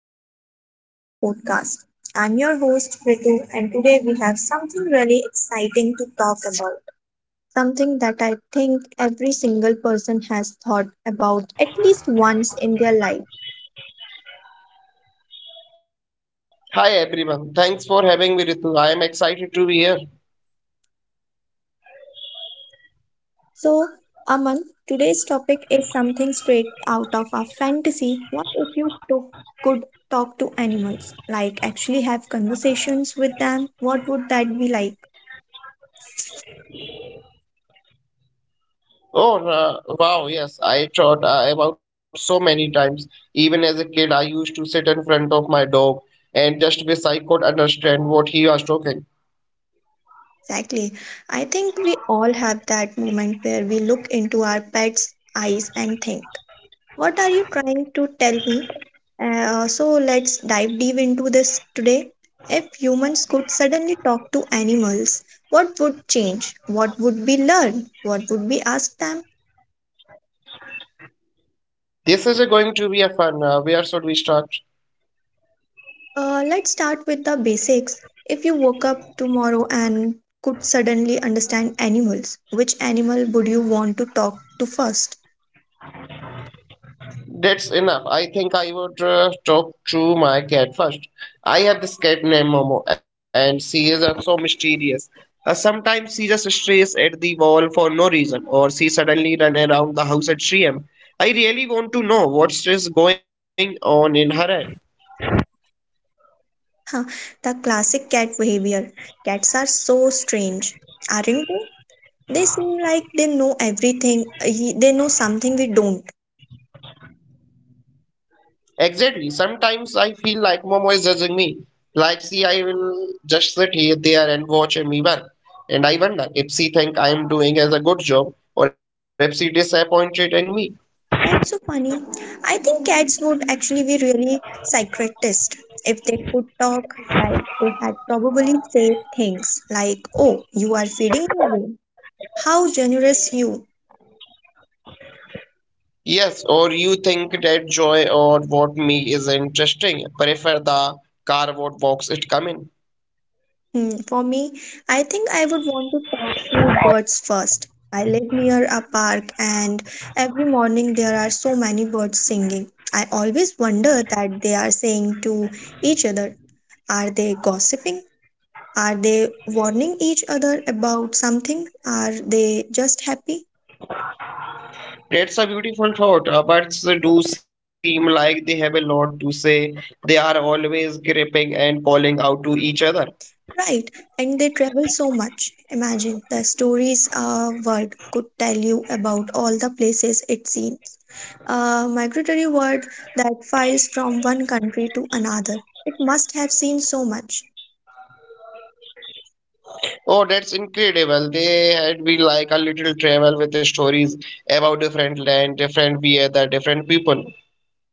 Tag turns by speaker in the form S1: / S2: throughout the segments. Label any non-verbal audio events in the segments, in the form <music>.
S1: episode of our podcast. I'm your host, Ritu, and today we have something really exciting to talk about. Something that I think every single person has thought about at least once in their life.
S2: Hi everyone. Thanks for having me, Ritu. I am excited to be here.
S1: So, Aman, today's topic is something straight out of a fantasy. What if you took, could talk to animals? Like, actually have conversations with them? What would that be like?
S2: Oh, wow. Yes, I thought about so many times. Even as a kid, I used to sit in front of my dog and just wish I could understand what he was talking.
S1: Exactly. I think we all have that moment where we look into our pet's eyes and think, what are you trying to tell me? So let's dive deep into this today. If humans could suddenly talk to animals, what would change? What would we learn? What would we ask them?
S2: This is going to be a fun. Where should we start?
S1: Let's start with the basics. If you woke up tomorrow and could suddenly understand animals, which animal would you want to talk to first?
S2: That's enough. I think I would talk to my cat first. I have this cat named Momo, and she is so mysterious. Sometimes she just stares at the wall for no reason, or she suddenly runs around the house at 3 am. I really want to know what is going on in her head.
S1: Huh, the classic cat behavior. Cats are so strange, aren't they? They seem like they know everything, they know something we don't.
S2: Exactly. Sometimes I feel like Momo is judging me. Like, see, I will just sit here, there, and watch me even. And I wonder if she think I am doing as a good job, or if she disappointed in me.
S1: That's so funny. I think cats would actually be really psychiatrist if they could talk, like they had probably say things like, "Oh, you are feeding me again. How generous you."
S2: Yes, or you think that joy or what me is interesting, prefer the car what box it come in.
S1: Hmm. For me, I think I would want to talk to birds first. I live near a park, and every morning there are so many birds singing. I always wonder that they are saying to each other. Are they gossiping? Are they warning each other about something? Are they just happy?
S2: That's a beautiful thought. Birds do seem like they have a lot to say. They are always gripping and calling out to each other.
S1: Right, and they travel so much. Imagine the stories a bird could tell you about all the places it seen. A migratory bird that flies from one country to another. It must have seen so much.
S2: Oh, that's incredible. They had been like a little travel with stories about different land, different weather, different people.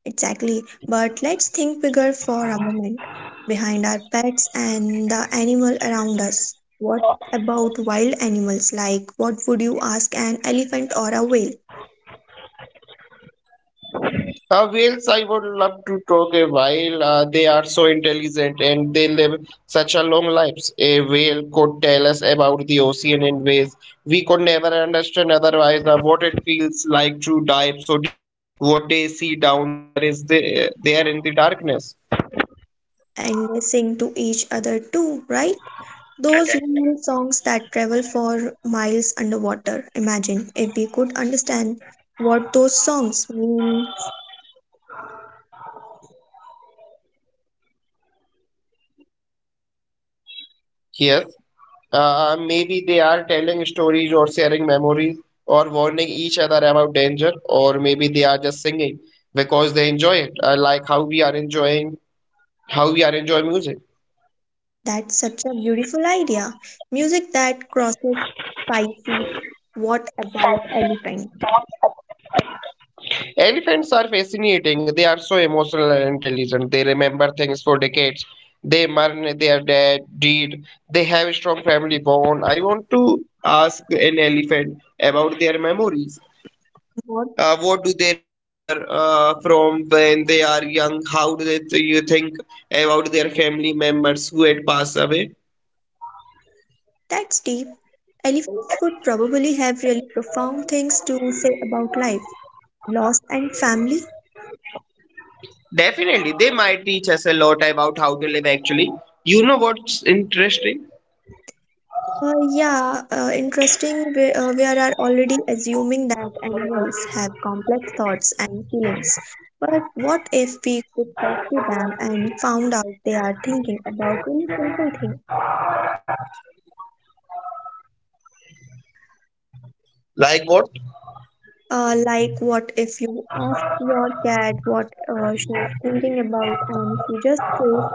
S1: Exactly, but let's think bigger for a moment. Behind our pets and the animal around us. What about wild animals? Like, what would you ask an elephant or a whale?
S2: Whales, I would love to talk a while. They are so intelligent and they live such a long lives. A whale could tell us about the ocean in ways we could never understand otherwise. What it feels like to dive so deep, what they see down there is the, there in the darkness.
S1: And they sing to each other too, right? Those were songs that travel for miles underwater. Imagine if we could understand what those songs mean.
S2: Yes, maybe they are telling stories or sharing memories or warning each other about danger, or maybe they are just singing because they enjoy it, like how we are enjoying music.
S1: That's such a beautiful idea. Music that crosses Pisces. What about elephant?
S2: Elephants are fascinating. They are so emotional and intelligent. They remember things for decades. They mourn their dead deed. They have a strong family bond. I want to ask an elephant about their memories.
S1: What?
S2: What do they remember from when they are young? How do, they, do you think about their family members who had passed away?
S1: That's deep. Elephants would probably have really profound things to say about life, loss, and family.
S2: Definitely, they might teach us a lot about how to live actually. You know what's interesting?
S1: Yeah, interesting. We are already assuming that animals have complex thoughts and feelings. But what if we could talk to them and found out they are thinking about really simple things?
S2: Like what?
S1: Like, what if you ask your cat what she's thinking about, and she just says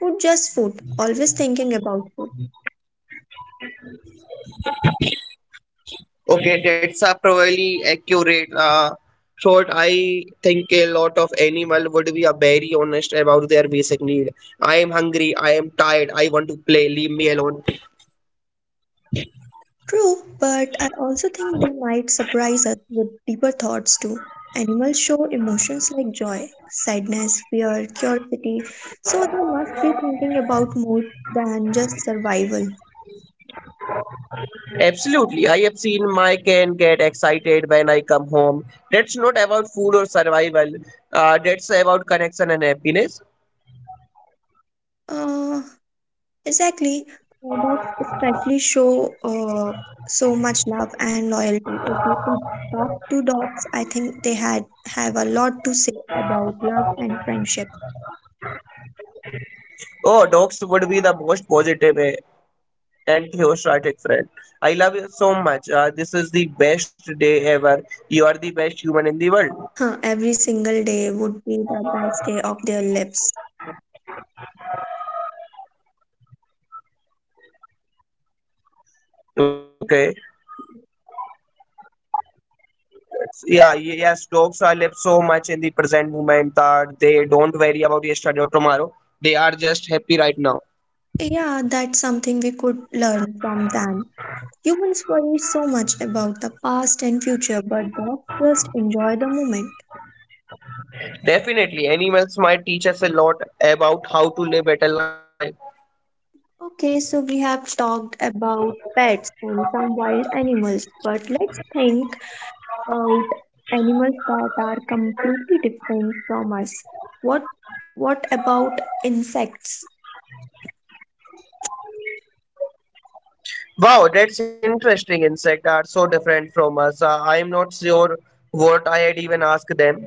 S1: food, just food, always thinking about food.
S2: Okay, that's a probably accurate thought. I think a lot of animal would be a very honest about their basic need. I am hungry. I am tired. I want to play. Leave me alone.
S1: True, but I also think they might surprise us with deeper thoughts too. Animals show emotions like joy, sadness, fear, curiosity, so they must be thinking about more than just survival.
S2: Absolutely, I have seen my can get excited when I come home. That's not about food or survival. That's about connection and happiness.
S1: Uh, exactly. Dogs especially show so much love and loyalty. If we could talk to dogs, I think they had have a lot to say about love and friendship.
S2: Oh, dogs would be the most positive and theostratic friend. I love you so much. This is the best day ever. You are the best human in the world.
S1: Huh, every single day would be the best day of their lives.
S2: Okay. Yeah, yes, dogs are live so much in the present moment that they don't worry about yesterday or tomorrow. They are just happy right now.
S1: Yeah, that's something we could learn from them. Humans worry so much about the past and future, but dogs just enjoy the moment.
S2: Definitely, animals might teach us a lot about how to live better life.
S1: Okay, so we have talked about pets and some wild animals, but let's think about animals that are completely different from us. What about insects?
S2: Wow, that's interesting. Insects are so different from us. I am not sure what I had even asked them.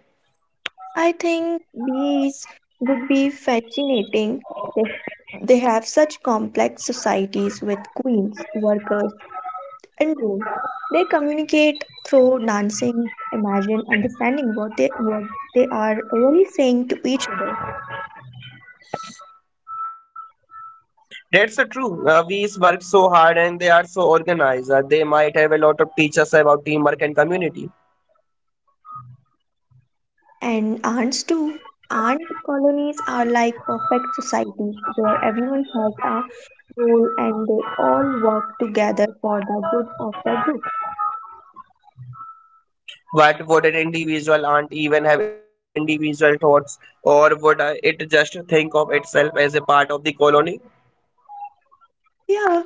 S1: I think bees would be fascinating. They they have such complex societies with queens, workers, and roles. They communicate through dancing, imagine understanding what they are really saying to each other.
S2: That's true. We work so hard and they are so organized. They might have a lot to teach us about teamwork and community.
S1: And ants too. Ant colonies are like perfect societies where everyone has a role and they all work together for the good of the group.
S2: What would an individual aunt even have individual thoughts, or would it just think of itself as a part of the colony?
S1: Yeah,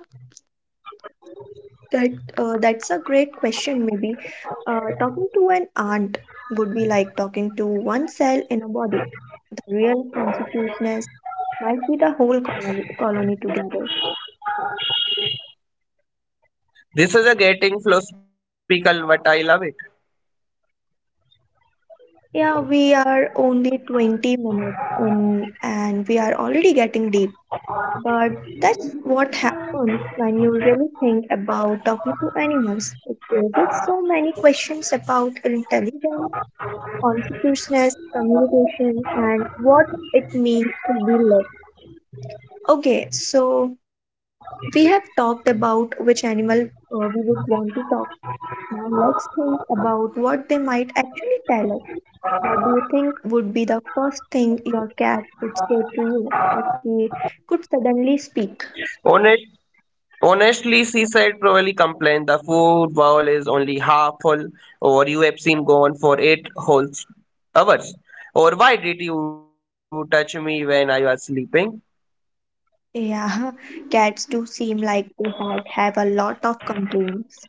S1: that that's a great question. Maybe talking to an ant would be like talking to one cell in a body. The real consciousness might be the whole colony, together.
S2: This is a getting philosophical, but I love it.
S1: Yeah, we are only 20 minutes in and we are already getting deep. But that's what happens when you really think about talking to animals. It raises so many questions about intelligence, consciousness, communication, and what it means to be lived. Okay, so we have talked about which animal we would want to talk. Now let's think about what they might actually tell us. What do you think would be the first thing your cat would say to you if she could suddenly speak?
S2: Honest, honestly, she said, probably complained the food bowl is only half full, or you have seen gone for eight whole hours. Or why did you touch me when I was sleeping?
S1: Yeah, <laughs> cats do seem like they had have a lot of complaints.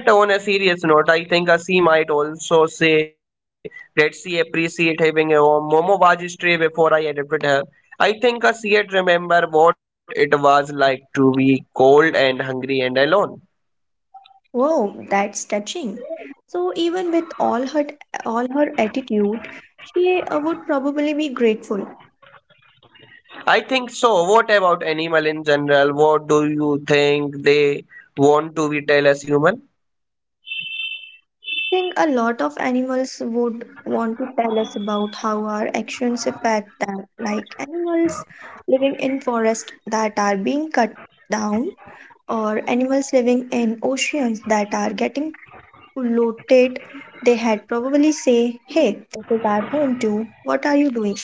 S2: Yeah, but on a serious note, I think a C might also say that she appreciate having a home. Momo was stray before I adopted her. I think a C yet remember what it was like to be cold and hungry and alone.
S1: Whoa, that's touching. So even with all her attitude, she would probably be grateful.
S2: I think so. What about animal in general? What do you think they want to be tell us human?
S1: Think a lot of animals would want to tell us about how our actions affect them, like animals living in forests that are being cut down, or animals living in oceans that are getting polluted. They had probably say, "Hey, this is our home too. What are you doing?"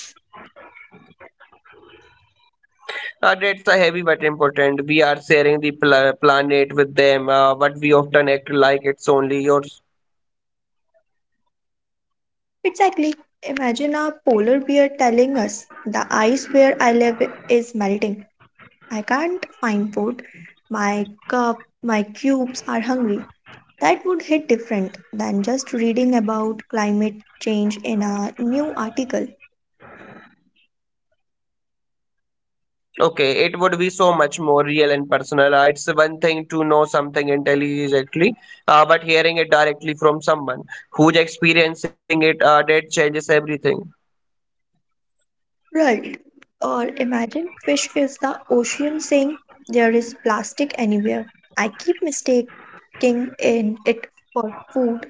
S2: That's a heavy but important. We are sharing the planet with them, but we often act like it's only yours.
S1: Exactly. Imagine a polar bear telling us, "The ice where I live is melting. I can't find food. My cubes are hungry." That would hit different than just reading about climate change in a new article.
S2: Okay, it would be so much more real and personal. It's one thing to know something intelligently, but hearing it directly from someone who's experiencing it, that changes everything.
S1: Right. Or imagine fish is the ocean saying there is plastic anywhere. I keep mistaking in it for food.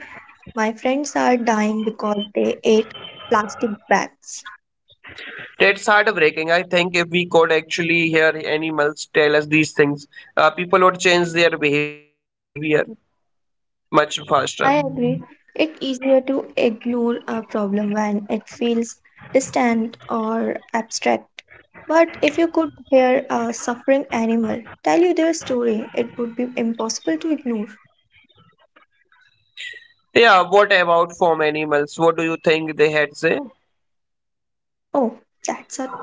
S1: My friends are dying because they ate plastic bags.
S2: That's heartbreaking. I think if we could actually hear animals tell us these things, people would change their behavior much
S1: I
S2: faster.
S1: agree. It's easier to ignore a problem when it feels distant or abstract. But if you could hear a suffering animal tell you their story, it would be impossible to ignore.
S2: Yeah, what about farm animals? What do you think they had say?
S1: Oh, that's a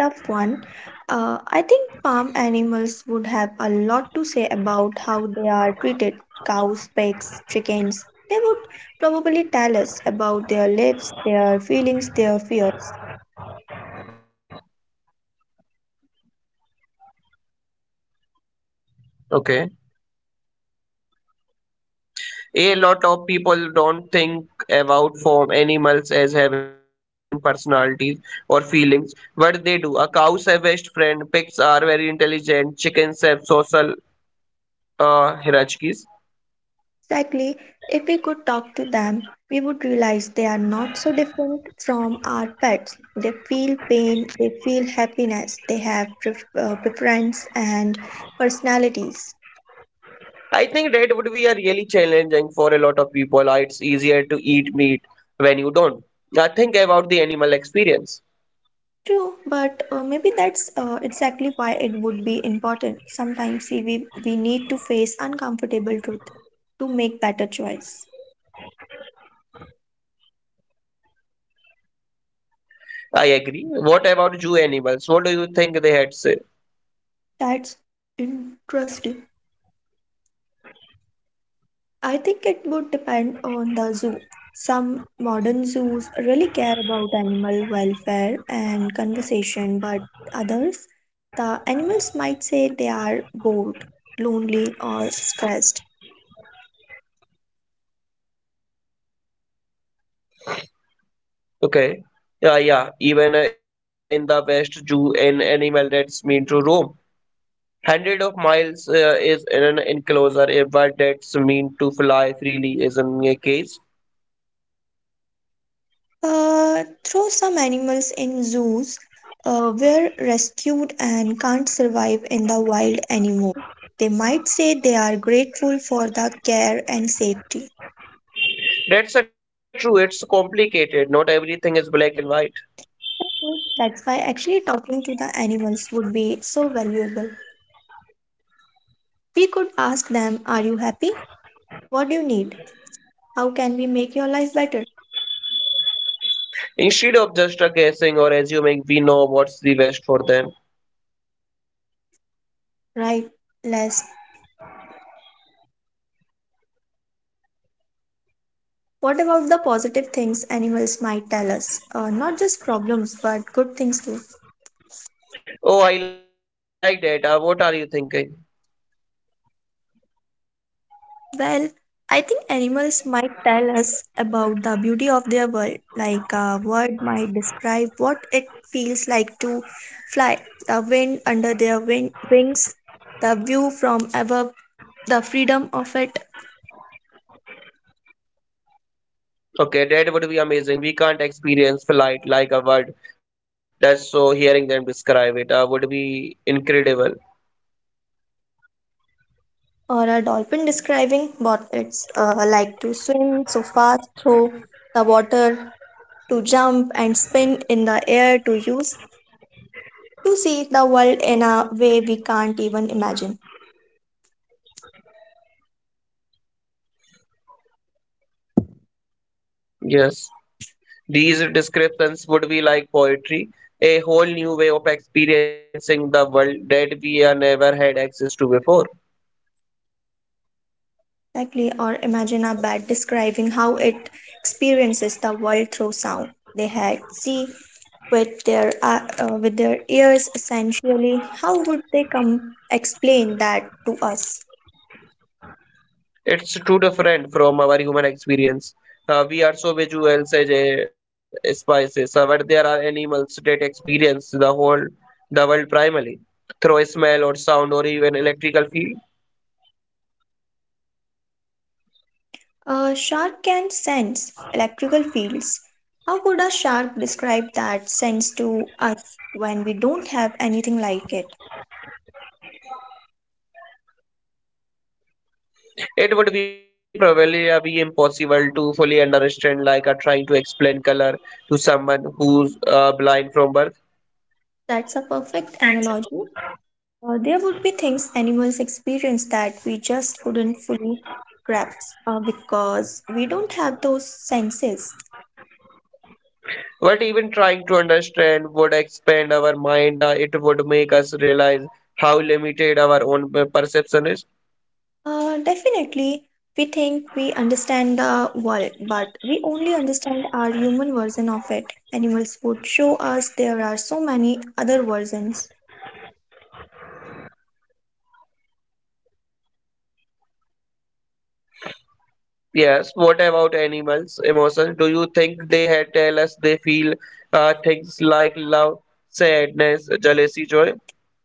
S1: tough one. I think farm animals would have a lot to say about how they are treated. Cows, pigs, chickens. They would probably tell us about their lives, their feelings, their fears.
S2: Okay. A lot of people don't think about farm animals as having personalities or feelings, but they do. A cows have best friend, pigs are very intelligent, chickens have social hierarchies.
S1: Exactly. If we could talk to them, we would realize they are not so different from our pets. They feel pain, they feel happiness, they have preference and personalities.
S2: I think that would be a really challenging for a lot of people. It's easier to eat meat when you don't I think about the animal experience.
S1: True, but maybe that's exactly why it would be important. Sometimes see, we need to face uncomfortable truth to make better choice.
S2: I agree. What about zoo animals? What do you think they had say?
S1: That's interesting. I think it would depend on the zoo. Some modern zoos really care about animal welfare and conservation, but others, the animals might say they are bored, lonely, or stressed.
S2: Okay. Yeah, yeah. Even in the West, Jew, an animal that's mean to roam. Hundred of miles is in an enclosure, a bird that's mean to fly freely is in a cage.
S1: Throw some animals in zoos were rescued and can't survive in the wild anymore. They might say they are grateful for the care and safety.
S2: That's a true. It's complicated. Not everything is black and white.
S1: That's why actually talking to the animals would be so valuable. We could ask them, "Are you happy? What do you need? How can we make your life better?"
S2: Instead of just guessing or assuming, we know what's the best for them.
S1: Right, less. What about the positive things animals might tell us? Not just problems, but good things too.
S2: Oh, I like that. What are you thinking?
S1: Well, I think animals might tell us about the beauty of their world, like a word might describe what it feels like to fly, the wind under their wings, the view from above, the freedom of it,
S2: Okay, that would be amazing. We can't experience flight like a bird. That's so hearing them describe it would be incredible.
S1: or a dolphin describing what it's like to swim so fast through the water, to jump and spin in the air, to use, to see the world in a way we can't even imagine.
S2: Yes, these descriptions would be like poetry, a whole new way of experiencing the world that we have never had access to before.
S1: Exactly, or imagine a bat describing how it experiences the world through sound. They had see with their ears essentially. How would they come explain that to us?
S2: It's too different from our human experience. We are so visual as a spices, but there are animals that experience the whole the world primarily through a smell or sound or even electrical field.
S1: A shark can sense electrical fields. How would a shark describe that sense to us when we don't have anything like it?
S2: It would be probably be impossible to fully understand, like trying to explain color to someone who's blind from birth.
S1: That's a perfect analogy. There would be things animals experience that we just couldn't fully grasp because we don't have those senses.
S2: But even trying to understand would expand our mind. It would make us realize how limited our own perception is.
S1: Definitely, we think we understand the world, but we only understand our human version of it. Animals would show us there are so many other versions.
S2: Yes. What about animals' emotions? Do you think they had tell us they feel things like love, sadness, jealousy, joy?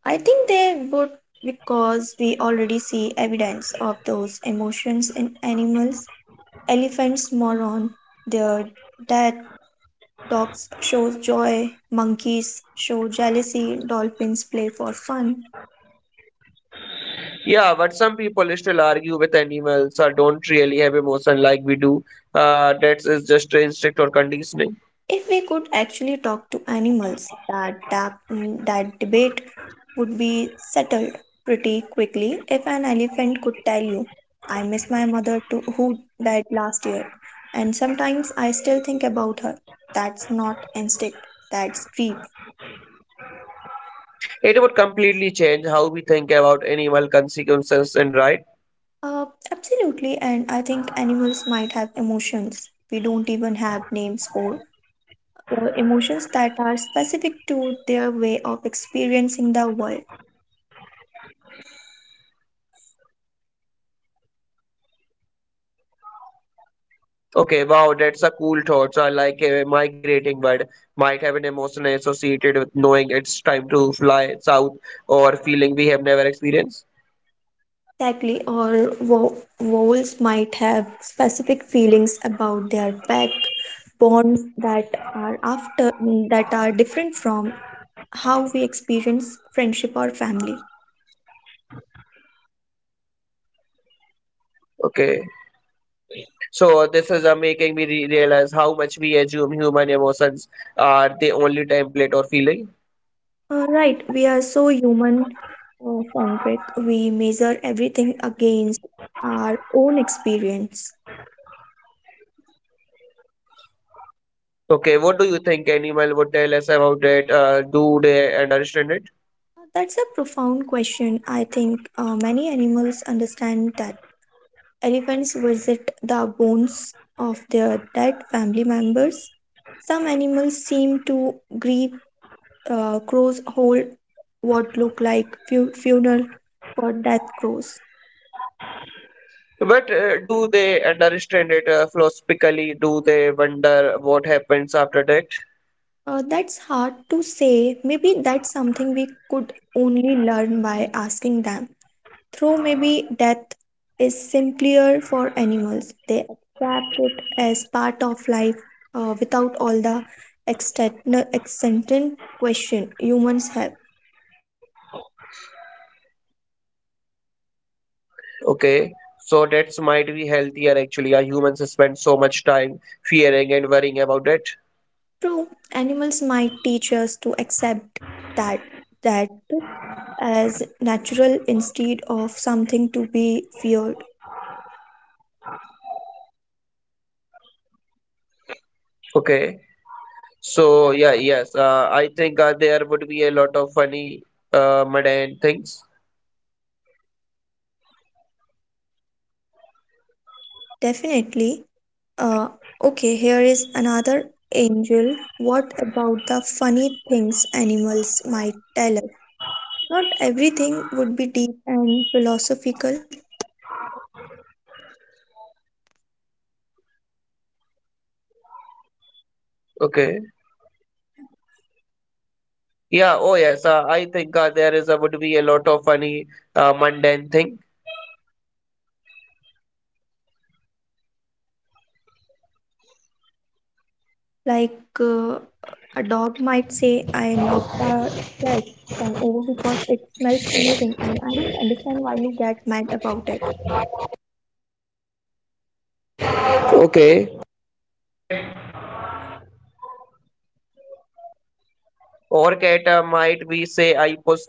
S1: I think they would, because we already see evidence of those emotions in animals. Elephants, moron, their death. Dogs show joy, monkeys show jealousy, dolphins play for fun.
S2: Yeah, but some people still argue with animals or don't really have emotion like we do. That is just instinct or conditioning.
S1: If we could actually talk to animals, that debate would be settled pretty quickly. If an elephant could tell you, "I miss my mother to who died last year, and sometimes I still think about her," that's not instinct, that's grief.
S2: It would completely change how we think about animal consequences and right.
S1: Uh, Absolutely, and I think animals might have emotions we don't even have names for. Emotions that are specific to their way of experiencing the world.
S2: Okay, wow, that's a cool thought. So I like migrating, but might have an emotion associated with knowing it's time to fly south or feeling we have never experienced.
S1: Exactly, or vowels might have specific feelings about their back bonds that are different from how we experience friendship or family.
S2: Okay, so this is making me re realize how much we assume human emotions are the only template or feeling.
S1: Right, we are so human centric. We measure everything against our own experience.
S2: Okay, what do you think animal would tell us about it? Do they understand it?
S1: That's a profound question. I think many animals understand that. Elephants visit the bones of their dead family members. Some animals seem to grieve. Crows hold what look like funeral for death crows.
S2: But do they understand it philosophically? Do they wonder what happens after that?
S1: That's hard to say. Maybe that's something we could only learn by asking them. Though maybe death is simpler for animals, they accept it as part of life without all the external extended question humans have.
S2: Okay, so that's might be healthier actually. Our humans spend so much time fearing and worrying about it.
S1: True, animals might teach us to accept that that as natural instead of something to be feared.
S2: Okay, so yeah, yes, I think there would be a lot of funny, mundane things.
S1: Definitely. Uh, okay, here is another angel. What about the funny things animals might tell us? Not everything would be deep and philosophical,
S2: Okay, yeah, oh yes, I think there is would be a lot of funny, mundane things.
S1: like uh, a dog might say, I knocked the trash can over because it smells amazing and I don't understand why you get mad about it.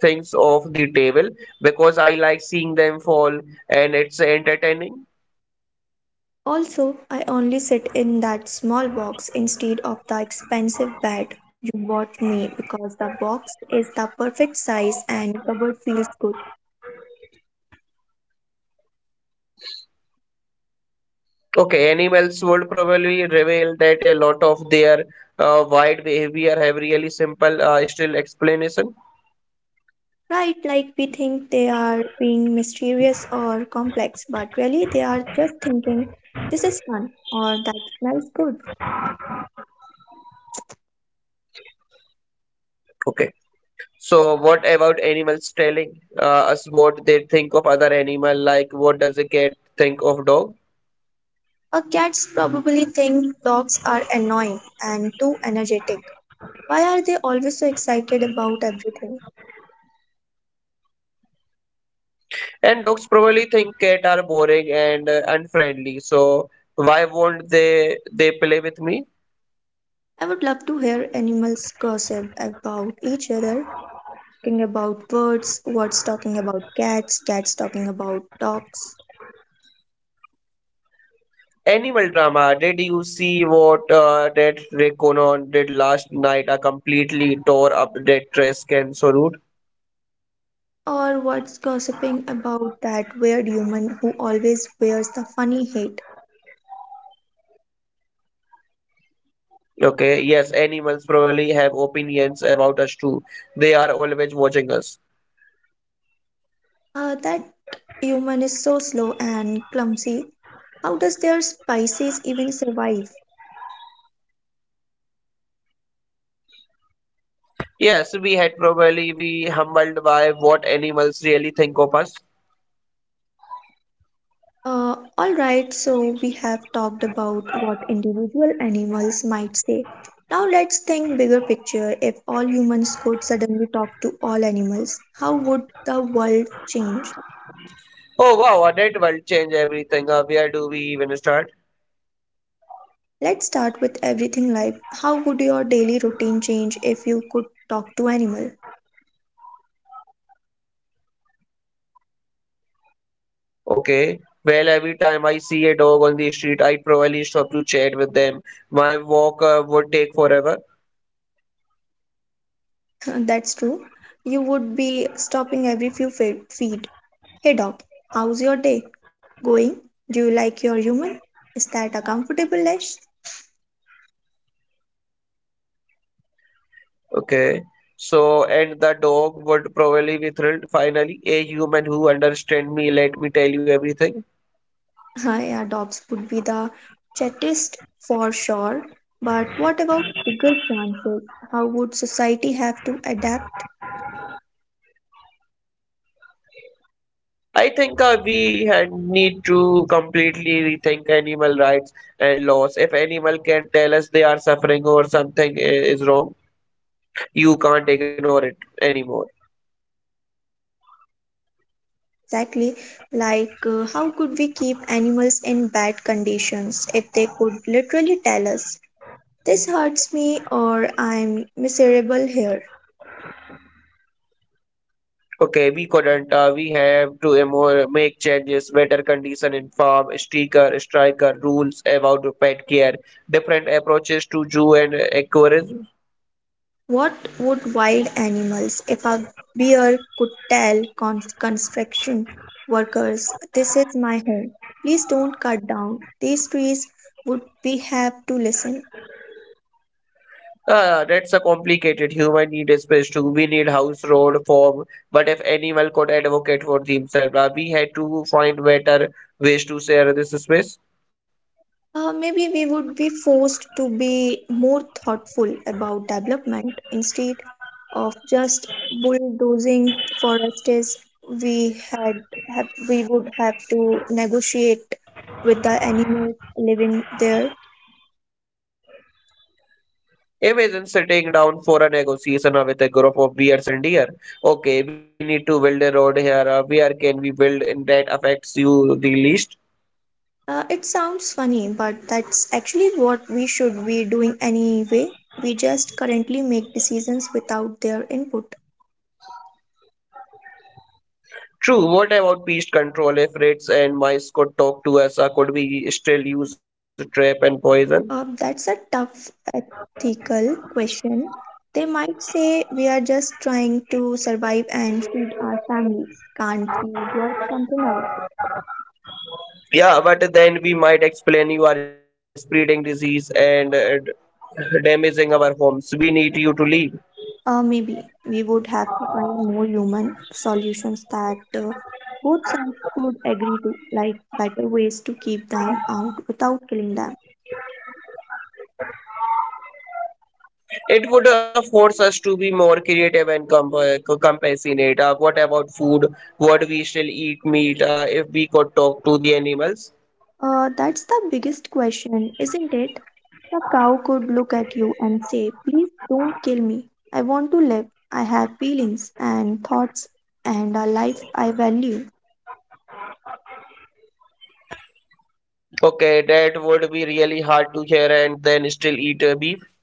S2: Things off the table because I like seeing them fall and it's entertaining.
S1: Also, I only sit in that small box instead of the expensive bed you bought me because the box is the perfect size and cupboard feels good.
S2: Okay, animals would probably reveal that a lot of their wide behavior have really simple still explanation.
S1: Right, like we think they are being mysterious or complex, but really they are just thinking, this is fun or that smells good.
S2: Okay. So what about animals telling us what they think of other animal? Like, what does a cat think of dog?
S1: Or cats probably think dogs are annoying and too energetic. Why are they always so excited about everything?
S2: And dogs probably think cat are boring and unfriendly. So why won't they play with me?
S1: I would love to hear animals gossip about each other, talking about birds, words talking about cats, cats talking about dogs
S2: Animal drama. Did you see what that Ray Conan did last night? I completely tore up that trash can, so rude.
S1: or what's gossiping about that weird human who always wears the funny hat.
S2: Okay, yes, animals probably have opinions about us too. They are always watching us.
S1: Ah, that human is so slow and clumsy. How does their species even survive?
S2: Yes, we had probably be humbled by what animals really think of us.
S1: All right, so we have talked about what individual animals might say. Now let's think bigger picture. If all humans could suddenly talk to all animals, how would the world change?
S2: Oh wow, that will change everything. Where do we even start?
S1: Let's start with everything life. How would your daily routine change if you could talk to animal?
S2: Okay. Well, every time I see a dog on the street, I probably stop to chat with them. My walk would take forever.
S1: <laughs> That's true. You would be stopping every feet. Hey Doc, how's your day going? Do you like your human? Is that a comfortable dish?
S2: Okay. So, and the dog would probably be thrilled. Finally, a human who understands me, let me tell you everything.
S1: <laughs> Yeah, dogs would be the chattest for sure. But what about bigger chances? How would society have to adapt?
S2: I think we had need to completely rethink animal rights and laws. If animal can tell us they are suffering or something is wrong, you can't ignore it anymore.
S1: Exactly. Like, how could we keep animals in bad conditions if they could literally tell us, this hurts me or I'm miserable here?
S2: Okay, we couldn't. We have to make changes, better condition in farm, sticker, striker rules about pet care, different approaches to zoo and aquarism.
S1: What would wild animals, if a bear could tell construction workers, this is my home, please don't cut down these trees, would we have to listen?
S2: That's a complicated. Human need a space too. We need house, road, form. But if animal could advocate for themselves, we had to find better ways to share this space.
S1: Maybe we would be forced to be more thoughtful about development instead of just bulldozing forests. We would have to negotiate with the animals living there.
S2: Imagine sitting down for a negotiation with a group of bears and deer. Okay, we need to build a road here. Where can we build in that affects you the least?
S1: It sounds funny, but that's actually what we should be doing anyway. We just currently make decisions without their input.
S2: True. What about pest control? If rats and mice could talk to us, could we still use trap and poison?
S1: That's a tough ethical question. They might say we are just trying to survive and feed our families. Can't we work something out?
S2: Yeah, but then we might explain you are spreading disease and damaging our homes. We need you to leave.
S1: Maybe we would have to find more human solutions that both sides could agree to, like better ways to keep them out without killing them.
S2: It would force us to be more creative and co- compassionate. What about food? What we shall eat meat if we could talk to the animals?
S1: That's the biggest question, isn't it? The cow could look at you and say, please don't kill me. I want to live. I have feelings and thoughts and a life I value.
S2: Okay, that would be really hard to hear and then still eat beef.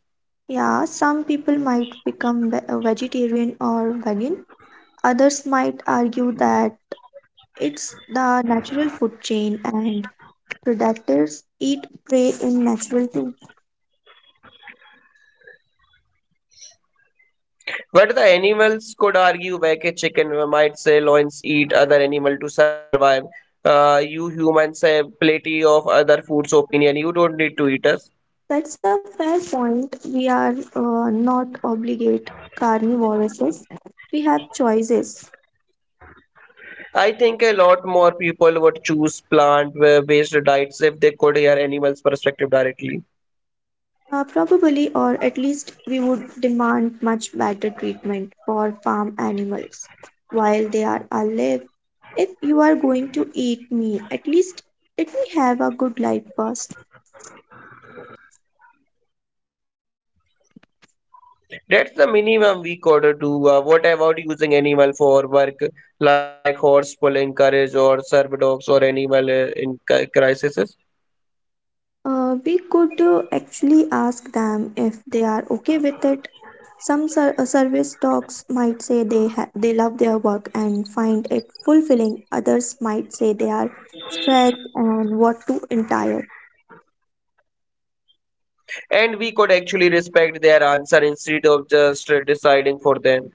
S1: Yeah, some people might become a vegetarian or vegan. Others might argue that it's the natural food chain and predators eat prey in natural too.
S2: But the animals could argue back a chicken might say loins eat other animal to survive. You humans have plenty of other foods opinion. You don't need to eat us.
S1: That's a fair point. We are not obligate carnivores. We have choices.
S2: I think a lot more people would choose plant based diets if they could hear animals' perspective directly.
S1: Probably, or at least we would demand much better treatment for farm animals while they are alive. If you are going to eat me, at least let me have a good life first.
S2: That's the minimum we could do. What about using animal for work like horse pulling, carriage or serv dogs or animal in crises?
S1: We could actually ask them if they are okay with it. Some service dogs might say they love their work and find it fulfilling. Others might say they are stressed and what to entire.
S2: And we could actually respect their answer instead of just deciding for them.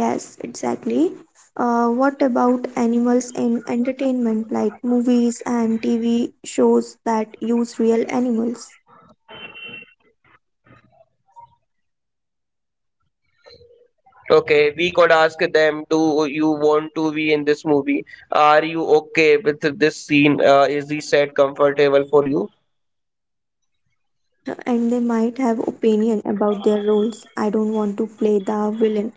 S1: Yes, exactly. What about animals in entertainment like movies and TV shows that use real animals?
S2: Okay, we could ask them, do you want to be in this movie? Are you okay with this scene? Is the set comfortable for you?
S1: And they might have opinion about their roles. I don't want to play the villain.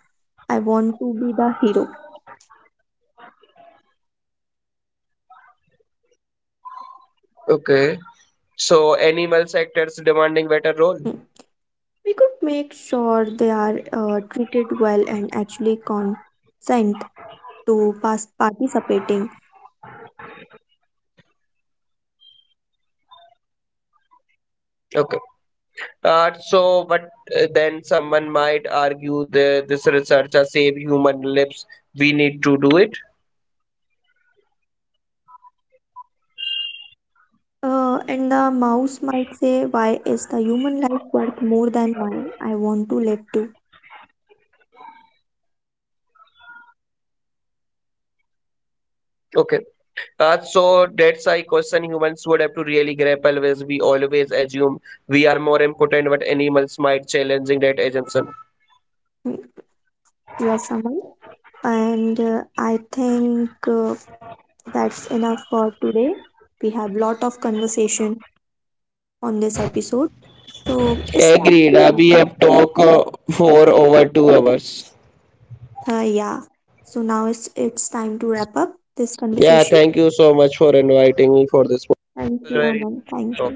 S1: I want to be the hero.
S2: Okay, so animal sectors demanding better role.
S1: Hmm. We could make sure they are treated well and actually consent to past participating.
S2: Okay, so but then someone might argue the this researcher save human lives, we need to do it.
S1: And the mouse might say, "Why is the human life worth more than mine? I want to live too."
S2: Okay. So that's a question humans would have to really grapple with. We always assume we are more important, but animals might challenging that assumption.
S1: Hmm. You are someone, and I think that's enough for today. We have lot of conversation on this episode. So it's time to wrap up. Yeah. So now it's time to wrap up this conversation. Thank you, Aman. Thank you.